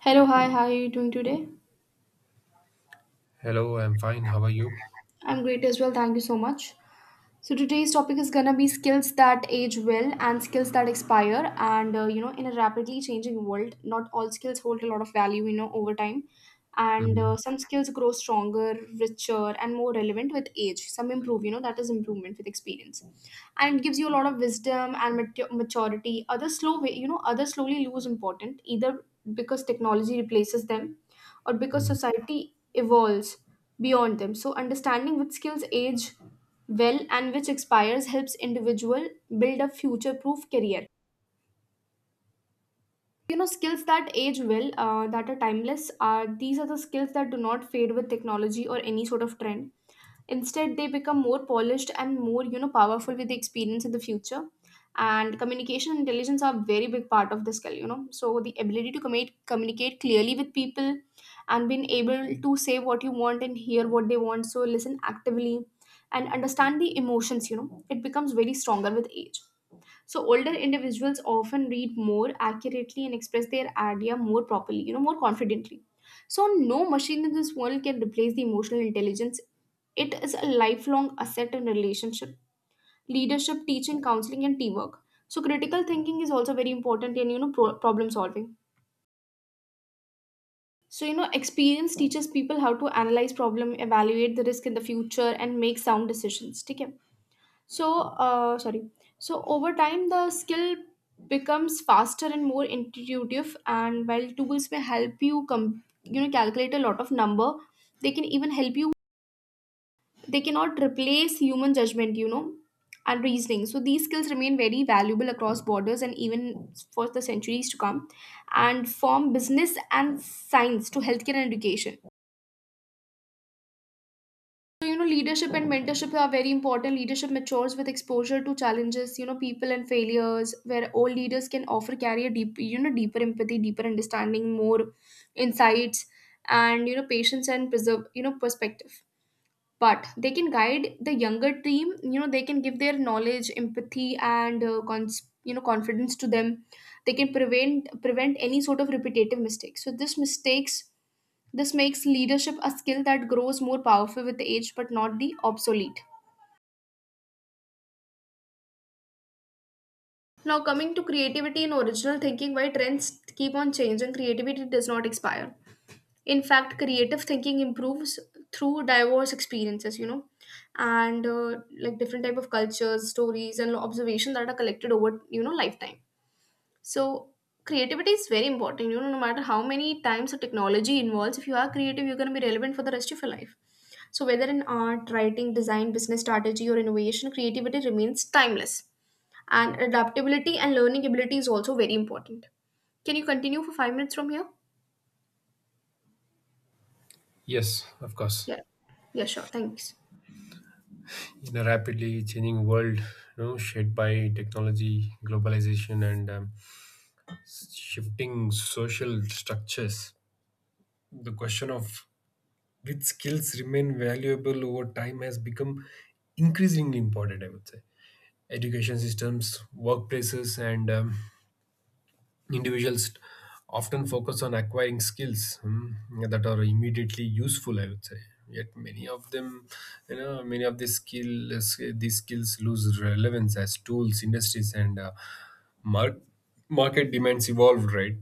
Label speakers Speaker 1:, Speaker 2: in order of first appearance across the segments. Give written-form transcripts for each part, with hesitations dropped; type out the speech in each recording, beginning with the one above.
Speaker 1: Hello, hi, how are you doing today?
Speaker 2: Hello, I'm fine. How are you?
Speaker 1: I'm great as well, thank you so much. So today's topic is gonna be skills that age well and skills that expire. In a rapidly changing world, not all skills hold a lot of value. You know, over time, and
Speaker 2: Mhm.
Speaker 1: some skills grow stronger, richer, and more relevant with age. Some improve. That is improvement with experience, and it gives you a lot of wisdom and maturity. Others slow, way, others slowly lose important either because technology replaces them, or because
Speaker 2: Mhm.
Speaker 1: society evolves beyond them. So understanding which skills age well and which expires helps individual build a future proof career. Skills that age well, that are timeless, are these are the skills that do not fade with technology or any sort of trend. Instead they become more polished and more, powerful with the experience in the future. And communication and intelligence are a very big part of the skill. So the ability to communicate clearly with people and being able to say what you want and hear what they want, so listen actively and understand the emotions, it becomes very stronger with age. So older individuals often read more accurately and express their idea more properly, more confidently. So no machine in this world can replace the emotional intelligence. It is a lifelong asset in relationship, leadership, teaching, counseling, and teamwork. So critical thinking is also very important in problem solving. So experience teaches people how to analyze problem, evaluate the risk in the future, and make sound decisions. ठीक है? So sorry. So over time the skill becomes faster and more intuitive, and while tools may help you you know calculate a lot of number, they can even help you, they cannot replace human judgment and reasoning. So these skills remain very valuable across borders and even for the centuries to come, and form business and science to healthcare and education. So leadership and mentorship are very important. Leadership matures with exposure to challenges, people and failures, where all leaders can offer carry a deep, deeper empathy, deeper understanding, more insights and, patience and preserve, perspective. But they can guide the younger team, they can give their knowledge, empathy and confidence to them. They can prevent any sort of repetitive mistakes. So this makes leadership a skill that grows more powerful with age but not the obsolete. Now coming to creativity and original thinking, why trends keep on changing, creativity does not expire. In fact creative thinking improves through diverse experiences, you know and like different type of cultures, stories and observation that are collected over, lifetime. So creativity is very important, no matter how many times the technology involves, if you are creative you're going to be relevant for the rest of your life. So whether in art, writing, design, business strategy or innovation, creativity remains timeless. And adaptability and learning ability is also very important. Can you continue for 5 minutes from here?
Speaker 2: Yes, of course.
Speaker 1: Yeah, yeah, sure, thanks.
Speaker 2: In a rapidly changing world, shaped by technology, globalization, and shifting social structures, the question of which skills remain valuable over time has become increasingly important. I would say education systems, workplaces, and individuals often focus on acquiring skills that are immediately useful, I would say. Yet many of them, many of these skills lose relevance as tools, industries, and mar- market demands evolve, right?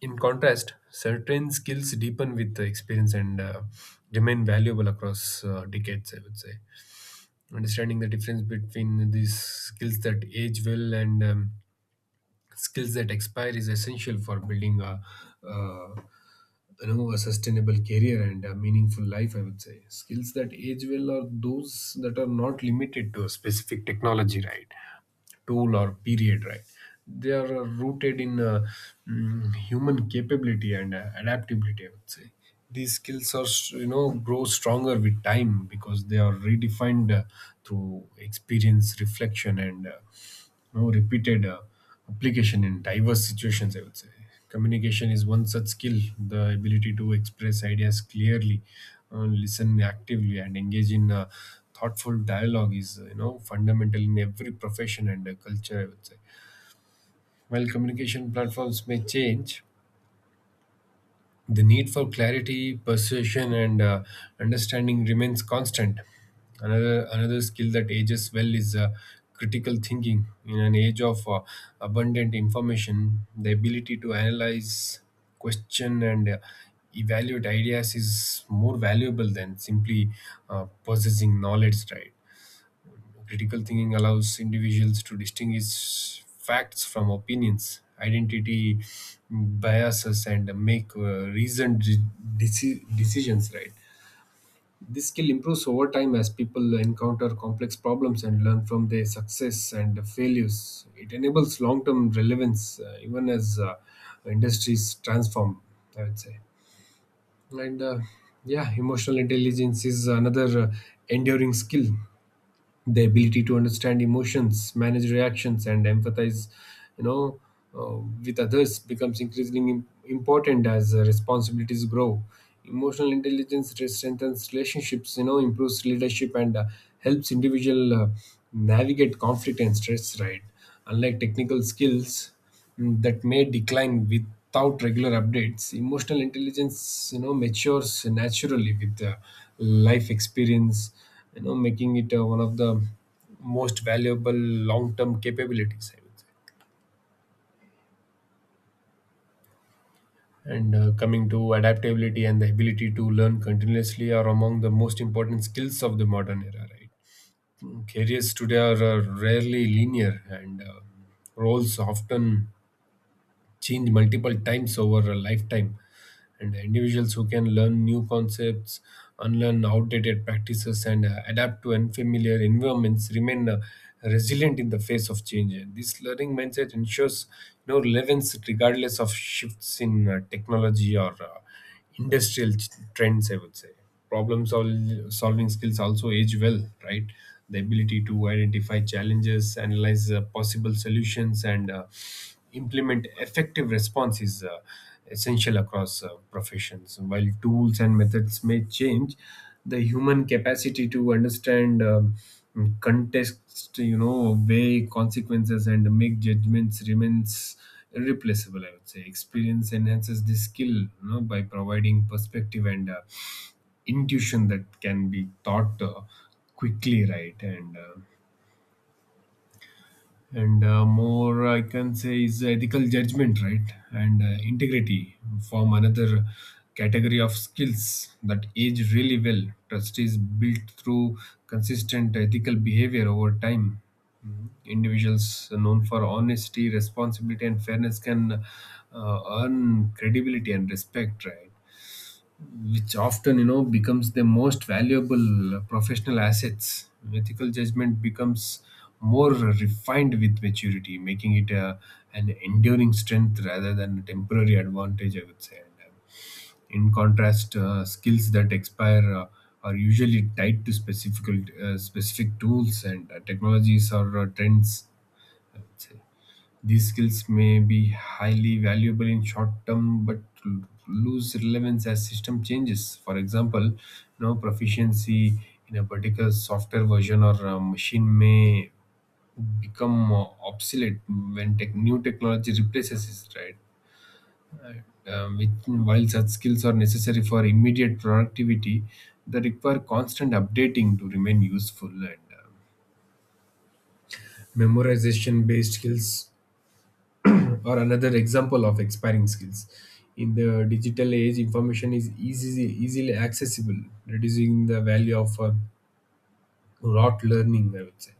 Speaker 2: In contrast, certain skills deepen with the experience and remain valuable across decades, I would say. Understanding the difference between these skills that age well and skills that expire is essential for building uh, a sustainable career and a meaningful life. I would say skills that age well are those that are not limited to a specific technology, right? Tool or period, right? They are rooted in human capability and adaptability. I would say these skills you know grow stronger with time because they are redefined through experience, reflection, and know, repeated application in diverse situations, I would say. Communication is one such skill, the ability to express ideas clearly, listen actively, and engage in thoughtful dialogue is, you know, fundamental in every profession and culture, I would say. While communication platforms may change, the need for clarity, persuasion, and understanding remains constant. Another skill that ages well is critical thinking. In an age of abundant information, the ability to analyze, question, and evaluate ideas is more valuable than simply possessing knowledge. Right. Critical thinking allows individuals to distinguish facts from opinions, identity biases, and make decisions. Right. This skill improves over time as people encounter complex problems and learn from their success and failures. It enables long-term relevance, even as industries transform, I would say. and uh, yeah, Emotional intelligence is another enduring skill, the ability to understand emotions, manage reactions, and empathize, you know uh, with others, becomes increasingly important as responsibilities grow. Emotional intelligence strengthens relationships, you know, improves leadership, and helps individual navigate conflict and stress, right? Unlike technical skills that may decline without regular updates, emotional intelligence, you know, matures naturally with life experience, you know, making it one of the most valuable long term capabilities, I would say. And Coming to adaptability and the ability to learn continuously are among the most important skills of the modern era, right? Careers today are rarely linear, and roles often change multiple times over a lifetime. And individuals who can learn new concepts, unlearn outdated practices, and adapt to unfamiliar environments remain resilient in the face of change. And this learning mindset ensures no relevance regardless of shifts in technology or industrial ch- trends, I would say. Problem solving skills also age well, right? The ability to identify challenges, analyze possible solutions, and implement effective response is essential across professions. While tools and methods may change, the human capacity to understand context, you know, weigh consequences and make judgments remains irreplaceable, I would say. Experience enhances the skill, you know, by providing perspective and intuition that can be taught quickly, right? And more I can say is ethical judgment, right? And integrity form another category of skills that age really well. Trust is built through consistent ethical behavior over time. Mhm. Individuals known for honesty, responsibility, and fairness can earn credibility and respect, right? Which often, you know, becomes the most valuable professional assets. Ethical judgment becomes more refined with maturity, making it an enduring strength rather than a temporary advantage, I would say. In contrast, skills that expire are usually tied to specific specific tools and technologies or trends, I would say. These skills may be highly valuable in short term, but l- lose relevance as system changes. For example, you know, proficiency in a particular software version or machine may become obsolete when new technology replaces it, right? While such skills are necessary for immediate productivity, they require constant updating to remain useful, and memorization based skills or another example of expiring skills. In the digital age, information is easily accessible, reducing the value of rote learning, I would say.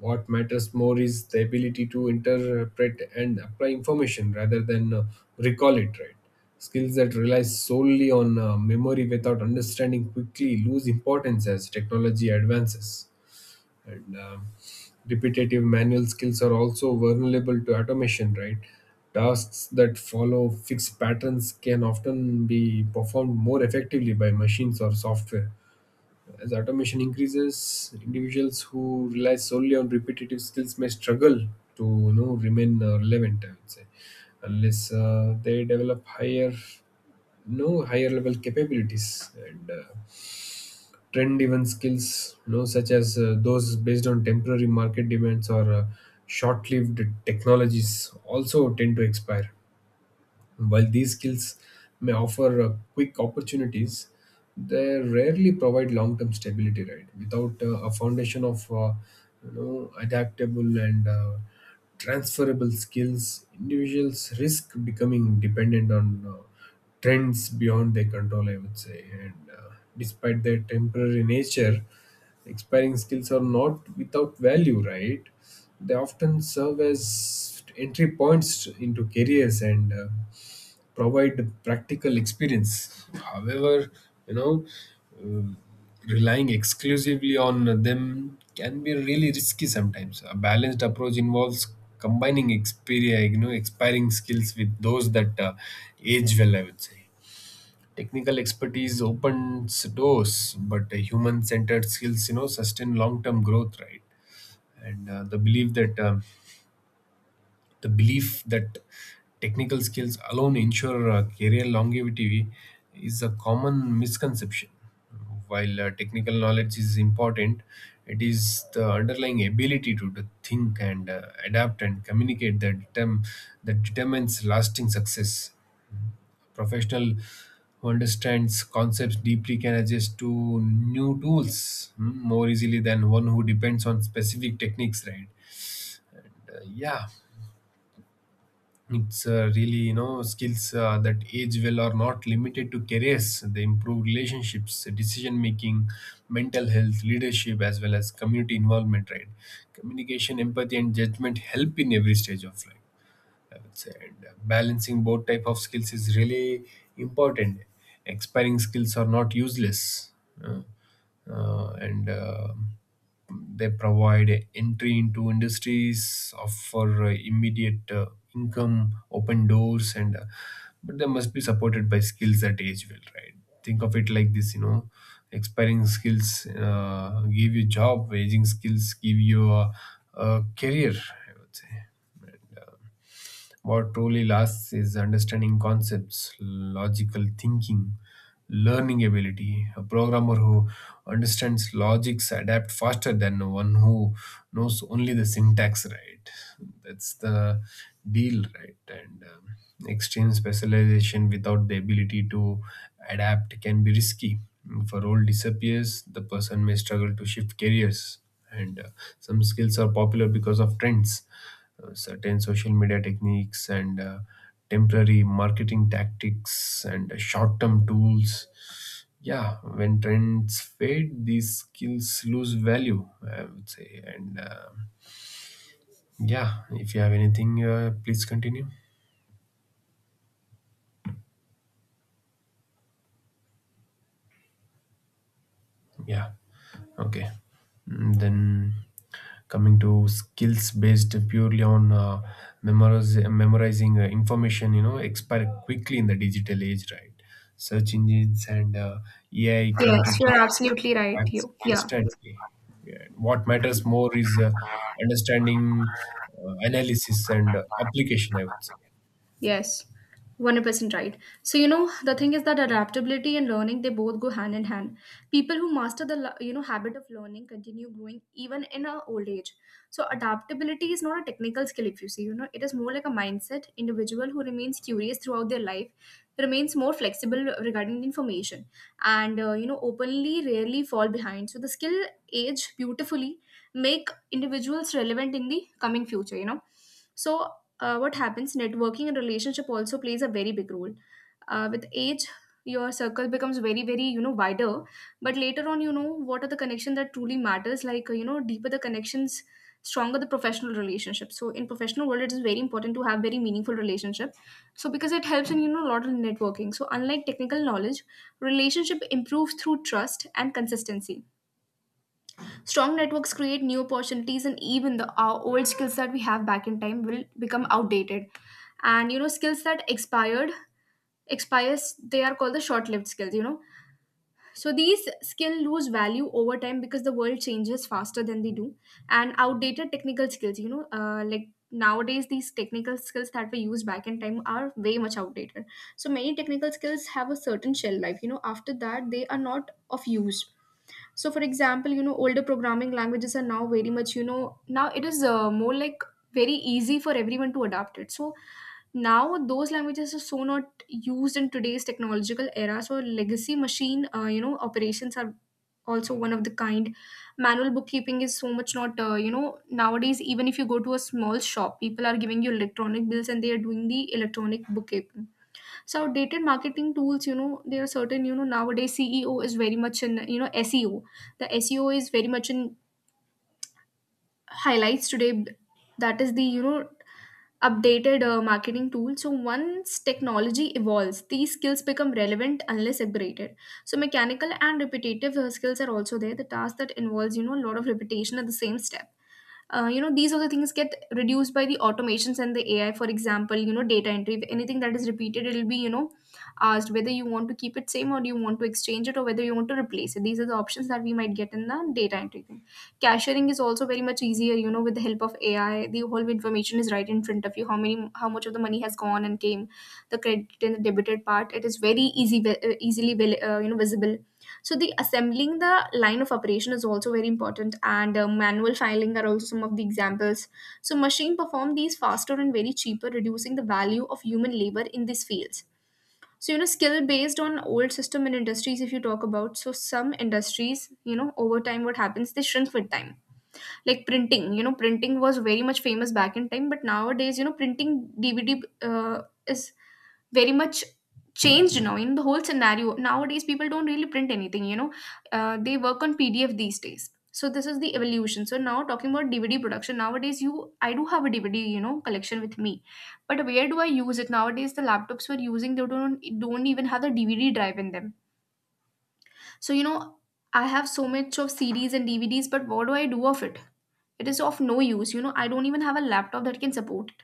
Speaker 2: What matters more is the ability to interpret and apply information rather than recall it. Right, skills that rely solely on memory without understanding quickly lose importance as technology advances, and repetitive manual skills are also vulnerable to automation, right? Tasks that follow fixed patterns can often be performed more effectively by machines or software. As automation increases, individuals who rely solely on repetitive skills may struggle to, you know, remain relevant, I would say, unless they develop higher no higher level capabilities, and trend driven skills, you know, such as those based on temporary market demands or short lived technologies also tend to expire. While these skills may offer quick opportunities, they rarely provide long-term stability. Right, without a foundation of you know adaptable and transferable skills, individuals risk becoming dependent on trends beyond their control, I would say. And Despite their temporary nature, expiring skills are not without value. Right, they often serve as entry points into careers and provide practical experience. However, you know, uh, relying exclusively on them can be really risky sometimes. A balanced approach involves combining experia, you know, expiring skills with those that age well, I would say. Technical expertise opens doors, but human-centered skills, you know, sustain long-term growth, right? And the belief that The belief that technical skills alone ensure career longevity is a common misconception. While technical knowledge is important, it is the underlying ability to think and adapt and communicate that determines lasting success. Professional who understands concepts deeply can adjust to new tools more easily than one who depends on specific techniques, right? Uh, yeah It's really, you know, skills that age well are not limited to careers. They improve relationships, decision making, mental health, leadership, as well as community involvement, right? Communication, empathy, and judgment help in every stage of life, I would say. And Balancing both type of skills is really important. Expiring skills are not useless, uh, and they provide entry into industries, offer immediate income, open doors, and but they must be supported by skills that age well, right? Think of it like this, you know. Expiring skills give you job, aging skills give you a career, I would say. And, uh, what truly lasts is understanding concepts, logical thinking, learning ability. A programmer who understands logics adapt faster than one who knows only the syntax, right? That's the deal, right? And Extreme specialization without the ability to adapt can be risky. If a role disappears, the person may struggle to shift careers, and some skills are popular because of trends, certain social media techniques, and temporary marketing tactics, and short-term tools. Yeah, when trends fade these skills lose value, I would say. And Yeah, if you have anything, please continue. Yeah. Okay. Then coming to skills based purely on memorizing information, you know, expire quickly in the digital age, right? Search engines and AI can
Speaker 1: Yes, you
Speaker 2: retrieve
Speaker 1: are absolutely right.
Speaker 2: facts
Speaker 1: You, yeah.
Speaker 2: instantly. Yeah. What matters more is understanding, analysis, and application, I would say.
Speaker 1: Yes, 100% right. So, the thing is that adaptability and learning, they both go hand in hand. People who master the, habit of learning continue growing even in a old age. So, adaptability is not a technical skill, if you see, it is more like a mindset. Individual who remains curious throughout their life remains more flexible regarding the information and, openly rarely fall behind. So, the skill age beautifully, make individuals relevant in the coming future, so what happens? Networking and relationship also plays a very big role. With age, your circle becomes very, very, wider. But later on, you know what are the connection that truly matters? Like, deeper the connections, stronger the professional relationship. So, in professional world, it is very important to have very meaningful relationship. So, because it helps in a lot of networking. So, unlike technical knowledge, relationship improves through trust and consistency. Strong networks create new opportunities, and even the our old skills that we have back in time will become outdated. And skills that expired expires, they are called the short-lived skills. So these skill lose value over time because the world changes faster than they do, and outdated technical skills. Like nowadays these technical skills that we use back in time are way much outdated. So many technical skills have a certain shelf life, after that they are not of use. So for example, older programming languages are now very much, now it is more like very easy for everyone to adapt it. So now those languages are so not used in today's technological era. So legacy machine operations are also one of the kind. Manual bookkeeping is so much not, nowadays even if you go to a small shop, people are giving you electronic bills and they are doing the electronic bookkeeping. So outdated marketing tools, there are certain, nowadays ceo is very much in, seo, the seo is very much in highlights today. That is the, updated marketing tool. So once technology evolves, these skills become relevant unless upgraded. So mechanical and repetitive skills are also there, the task that involves, a lot of repetition at the same step. These are the things get reduced by the automations and the ai. For example, data entry, if anything that is repeated, it'll be, asked whether you want to keep it same, or you want to exchange it, or whether you want to replace it. These are the options that we might get in the data entry thing. Cashiering is also very much easier, with the help of ai, the whole information is right in front of you, how many, how much of the money has gone and came, the credit and the debited part, it is very easy, easily, visible. So the assembling the line of operation is also very important, and manual filing are also some of the examples. So machine perform these faster and very cheaper, reducing the value of human labor in these fields. So skill based on old system and industries. If you talk about, so some industries, over time, what happens? They shrink with time, like printing, printing was very much famous back in time, but nowadays, printing, dvd, uh, is very much changed now in the whole scenario. Nowadays people don't really print anything, they work on pdf these days. So this is the evolution. So now talking about dvd production, nowadays, you, I do have a dvd, collection with me, but where do I use it? Nowadays the laptops we're using, they don't even have the dvd drive in them. So I have so much of cds and dvds, but what do I do of it? It is of no use, I don't even have a laptop that can support it.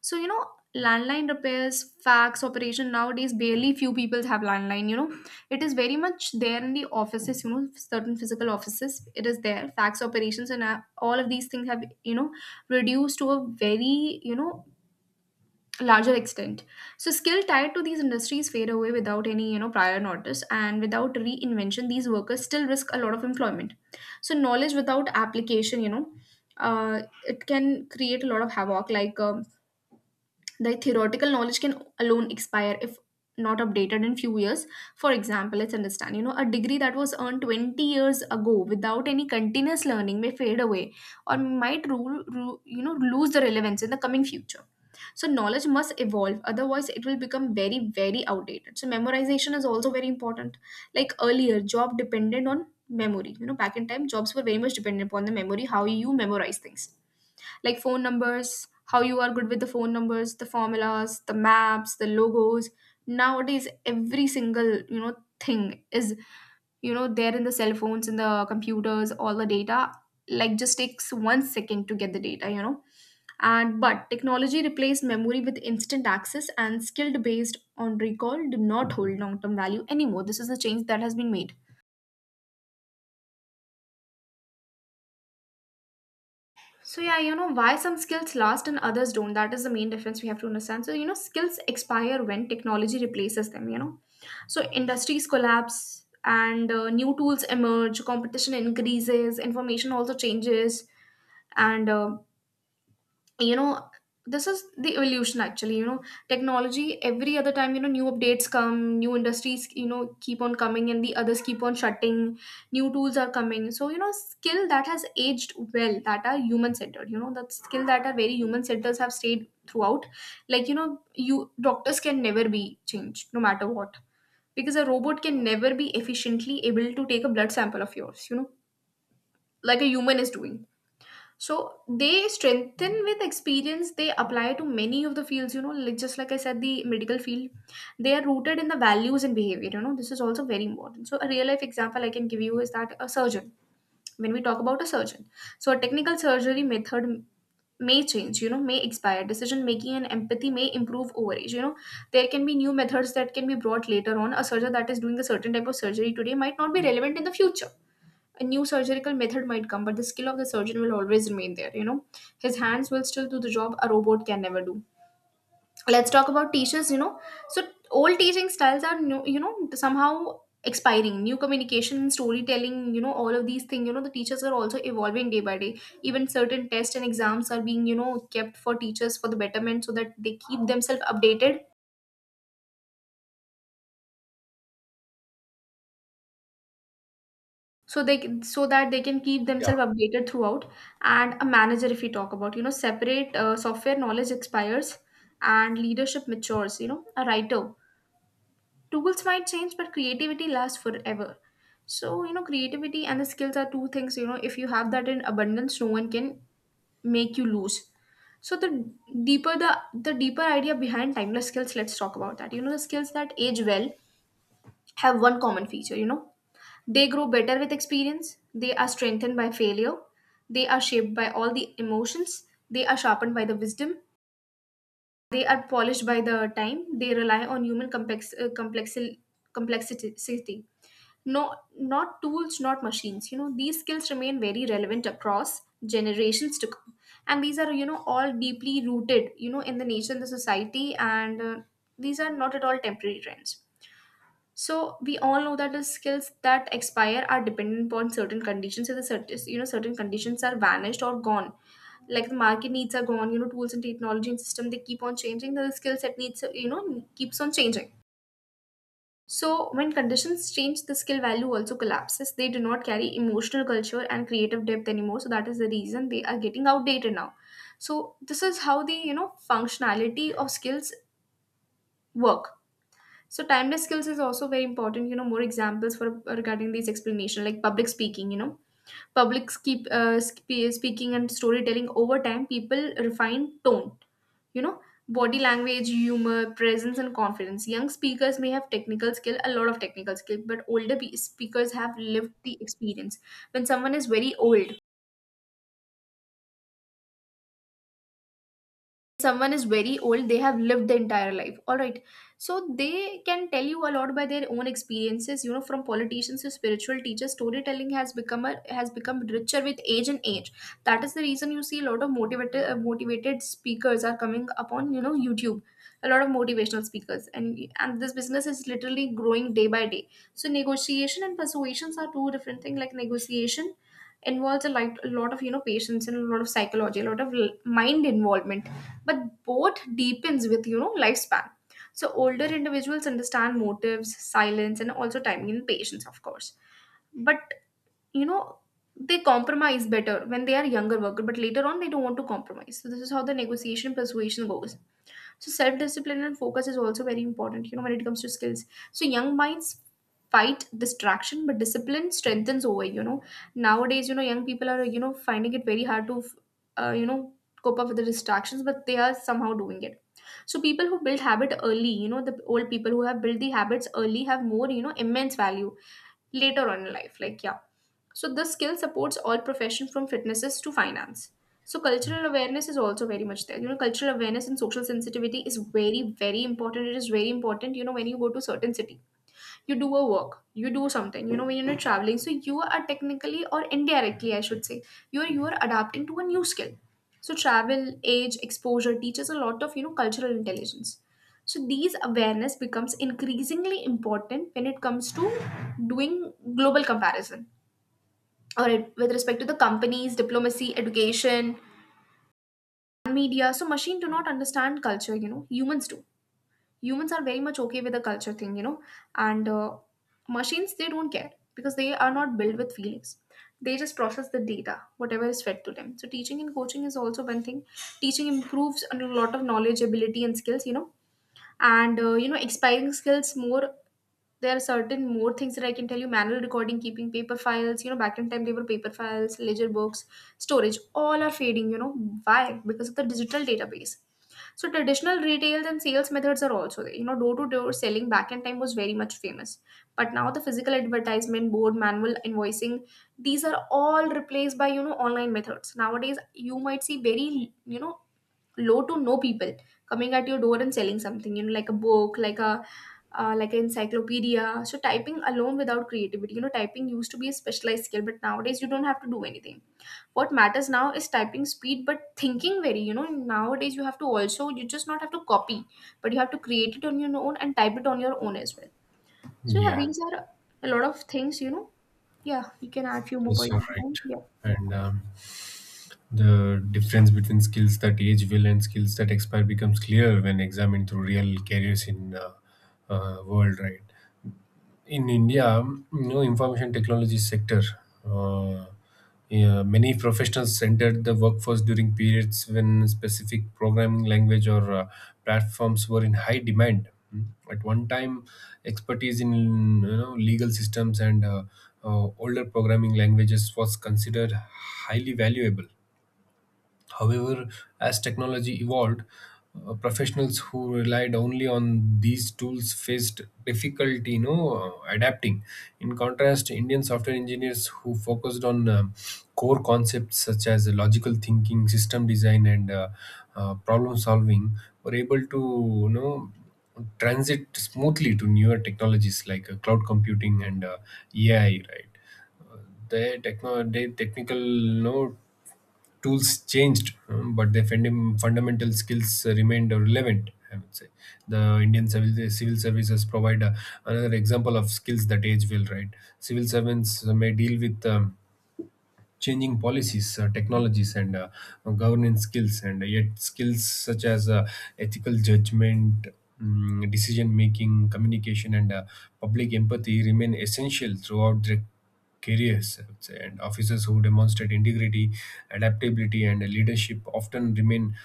Speaker 1: So landline repairs, fax operation, nowadays barely few people have landline, it is very much there in the offices, certain physical offices, it is there, fax operations and all of these things have, reduced to a very, larger extent. So skill tied to these industries fade away without any, prior notice, and without reinvention, these workers still risk a lot of employment. So knowledge without application, uh, it can create a lot of havoc, like the theoretical knowledge can alone expire if not updated in few years. For example, let's understand, a degree that was earned 20 years ago without any continuous learning may fade away, or might rule, lose the relevance in the coming future. So knowledge must evolve, otherwise it will become very very outdated. So memorization is also very important. Like earlier job depended on memory, back in time jobs were very much dependent upon the memory, how you memorize things. Like phone numbers, how you are good with the phone numbers, the formulas, the maps, the logos. Nowadays every single, thing is, they're in the cell phones, in the computers, all the data, like just takes 1 second to get the data, and but Technology replaced memory with instant access and skilled based on recall do not hold long term value anymore. This is a change that has been made. So yeah, why some skills last and others don't, that is the main difference we have to understand. So skills expire when technology replaces them. So industries collapse and new tools emerge, competition increases, information also changes. And uh, you know this is the evolution actually, technology. Every other time, new updates come, new industries, keep on coming and the others keep on shutting. New tools are coming. So skill that has aged well, that are human centered, that skill that are very human centers have stayed throughout. Like you doctors can never be changed no matter what, because a robot can never be efficiently able to take a blood sample of yours, like a human is doing. So they strengthen with experience. They apply to many of the fields, like just like I said, the medical field, they are rooted in the values and behavior. This is also very important. So a real life example I can give you is that a surgeon, when we talk about a surgeon, so a technical surgery method may change, may expire. Decision making and empathy may improve over age. There can be new methods that can be brought later on. A surgeon that is doing a certain type of surgery today might not be relevant in the future. A new surgical method might come, but the skill of the surgeon will always remain there, his hands will still do the job a robot can never do. Let's talk about teachers. So old teaching styles are new, somehow expiring. New communication, storytelling, all of these things. The teachers are also evolving day by day. Even certain tests and exams are being kept for teachers for the betterment, so that they keep themselves updated, so that they can keep
Speaker 2: Yeah.
Speaker 1: themselves updated throughout. And a manager if we talk about, separate, software knowledge expires and leadership matures. A writer, tools might change but creativity lasts forever. So creativity and the skills are two things, if you have that in abundance no one can make you lose. So deeper the the deeper idea behind timeless skills, let's talk about that. The skills that age well have one common feature. They grow better with experience, they are strengthened by failure, they are shaped by all the emotions, they are sharpened by the wisdom, they are polished by the time, they rely on complexity. No, not tools, not machines. These skills remain very relevant across generations to come. And these are, all deeply rooted, in the nature and the society. And these are not at all temporary trends. So we all know that the skills that expire are dependent upon certain conditions. So the certain, certain conditions are vanished or gone. Like the market needs are gone. Tools and technology and system, they keep on changing. The skill set needs, keeps on changing. So when conditions change, the skill value also collapses. They do not carry emotional culture and creative depth anymore. So that is the reason they are getting outdated now. So this is how the, functionality of skills work. So timeless skills is also very important. More examples for regarding these explanation, like public speaking. Speaking and storytelling over time. People refine tone. You know, body language, humor, presence, and confidence. Young speakers may have technical skill, a lot of technical skill, but older speakers have lived the experience. When someone is very old, someone is very old, they have lived the entire life, all right? So they can tell you a lot by their own experiences. From politicians to spiritual teachers, storytelling has become richer with age. That is the reason you see a lot of motivated speakers are coming upon, YouTube. A lot of motivational speakers, and this business is literally growing day by day. So negotiation and persuasions are two different things. Like negotiation involves a lot of, patience and a lot of psychology, a lot of mind involvement. But both deepens with, lifespan. So older individuals understand motives, silence, and also timing and patience of course. But you know they compromise better when they are younger worker, but later on they don't want to compromise. So this is how the negotiation persuasion goes. So self discipline and focus is also very important, when it comes to skills. So young minds fight distraction, but discipline strengthens over. Nowadays, young people are, finding it very hard to, uh, you know, cope up with the distractions, but they are somehow doing it. So people who build habit early, the old people who have built the habits early have more, immense value later on in life. Like, yeah, so this skill supports all professions from fitnesses to finance. So cultural awareness is also very much there. Cultural awareness and social sensitivity is very, very important. It is very important, when you go to certain city. You do a work, you do something, when you're traveling. So you are technically or indirectly, I should say, you're adapting to a new skill. So travel, age, exposure teaches a lot of, cultural intelligence. So these awareness becomes increasingly important when it comes to doing global comparison, or with respect to the companies, diplomacy, education, media. So machine do not understand culture, Humans do. Humans are very much okay with the culture thing, and machines, they don't care because they are not built with feelings. They just process the data, whatever is fed to them. So teaching and coaching is also one thing. Teaching improves a lot of knowledge, ability, and skills, expiring skills more, there are certain more things that I can tell you. Manual recording, keeping paper files, back in time they were paper files, ledger books, storage, all are fading, Why? Because of the digital database. So traditional retail and sales methods are also there. Door to door selling back in time was very much famous. But now the physical advertisement, board, manual invoicing, these are all replaced by, online methods. Nowadays you might see very, low to no people coming at your door and selling something, like a book, like a like an encyclopedia. So typing alone without creativity, typing used to be a specialized skill, but nowadays you don't have to do anything. What matters now is typing speed but thinking very, nowadays you have to also, you just not have to copy but you have to create it on your own and type it on your own as well. So yeah,
Speaker 2: Yeah.
Speaker 1: these are a lot of things, yeah you can add few more
Speaker 2: Yes,
Speaker 1: points.
Speaker 2: you're right.
Speaker 1: Yeah,
Speaker 2: And the difference between skills that age well and skills that expire becomes clear when examined through real careers in world, right? In India, you know, information technology sector, uh, yeah, many professionals entered the workforce during periods when specific programming language or platforms were in high demand. Mm. At one time, expertise in, you know, legal systems and older programming languages was considered highly valuable. However, as technology evolved, professionals who relied only on these tools faced difficulty, you know, adapting. In contrast, Indian software engineers who focused on core concepts such as logical thinking, system design, and problem solving were able to, you know, transit smoothly to newer technologies like cloud computing and AI, right? The technical, you know, tools changed, but their fundamental skills remained relevant, I would say. The Indian civil services provide another example of skills that age will, right. Civil servants may deal with changing policies, technologies, and governance skills, and yet skills such as ethical judgment, decision making, communication, and public empathy remain essential throughout their careers, I would say. And officers who demonstrate integrity, adaptability, and leadership often remain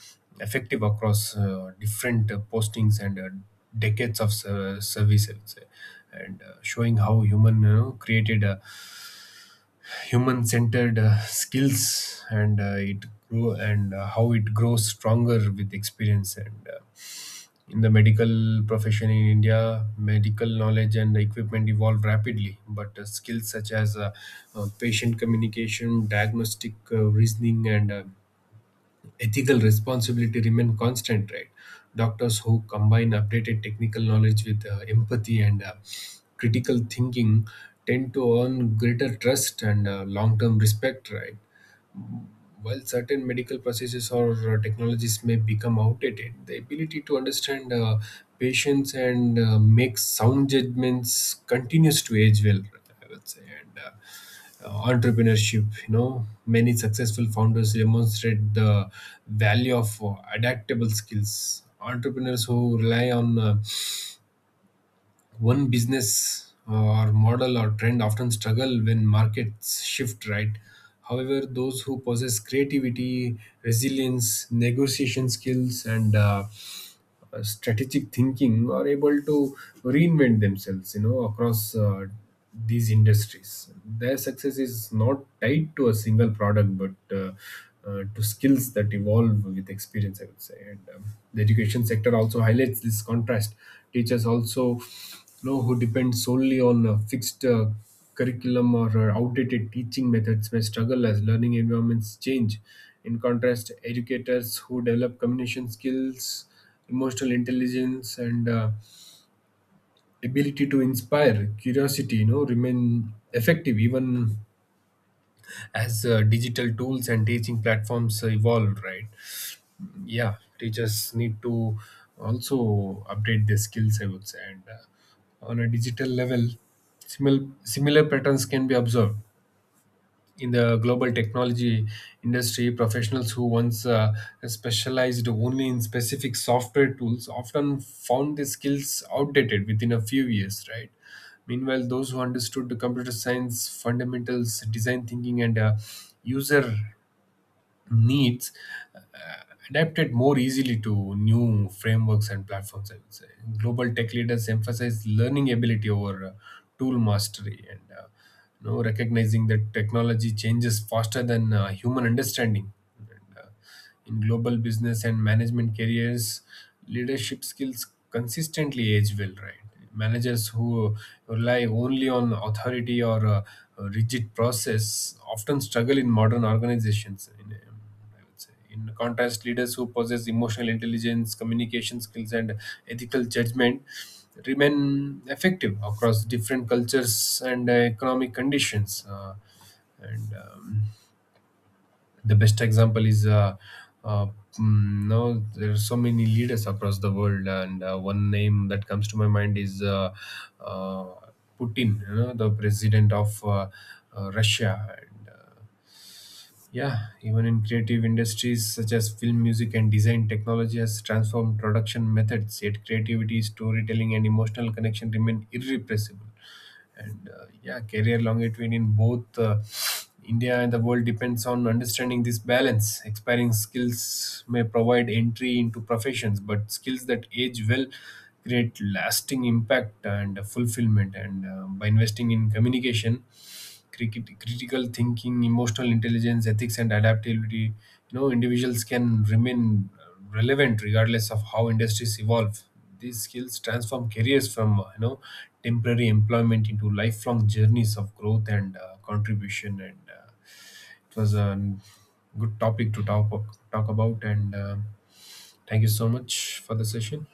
Speaker 2: effective across different postings and decades of service, I would say, and showing how human created human centered skills and it grow and how it grows stronger with experience and in the medical profession in India, medical knowledge and equipment evolve rapidly, but skills such as patient communication, diagnostic reasoning, and ethical responsibility remain constant, right? Doctors who combine updated technical knowledge with empathy and critical thinking tend to earn greater trust and long-term respect, right? While certain medical processes or technologies may become outdated, the ability to understand patients and make sound judgments continues to age well, I would say. And Entrepreneurship, you know, many successful founders demonstrate the value of adaptable skills. Entrepreneurs who rely on one business or model or trend often struggle when markets shift, right? However, those who possess creativity, resilience, negotiation skills, and strategic thinking are able to reinvent themselves, you know, across these industries. Their success is not tied to a single product, but to skills that evolve with experience, I would say. And The education sector also highlights this contrast. Teachers also, who depend solely on a fixed curriculum or outdated teaching methods may struggle as learning environments change. In contrast, educators who develop communication skills, emotional intelligence, and ability to inspire curiosity remain effective even as digital tools and teaching platforms evolve, right? Yeah, teachers need to also update their skills, I would say, and on a digital level, similar patterns can be observed in the global technology industry. Professionals who once specialized only in specific software tools often found their skills outdated within a few years, right? Meanwhile, those who understood the computer science fundamentals, design thinking, and user needs uh, adapted more easily to new frameworks and platforms, I would say. Global tech leaders emphasize learning ability over tool mastery, and you know, recognizing that technology changes faster than human understanding. And, uh, in global business and management careers, leadership skills consistently age well, right? Managers who rely only on authority or a rigid process often struggle in modern organizations. I would say. In contrast, leaders who possess emotional intelligence, communication skills, and ethical judgment remain effective across different cultures and economic conditions. And The best example is uh, no, there are so many leaders across the world, and one name that comes to my mind is uh, Putin, you know, the president of Russia, and yeah, even in creative industries such as film, music, and design, technology has transformed production methods, yet creativity, storytelling, and emotional connection remain irrepressible, and yeah, career longevity in both India and the world depends on understanding this balance. Expiring skills may provide entry into professions, but skills that age well create lasting impact and fulfillment, and by investing in communication, critical thinking, emotional intelligence, ethics, and adaptability, you know, individuals can remain relevant regardless of how industries evolve. These skills transform careers from, temporary employment into lifelong journeys of growth and contribution. And it was a good topic to talk about. And Thank you so much for the session.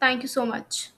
Speaker 1: thank you so much.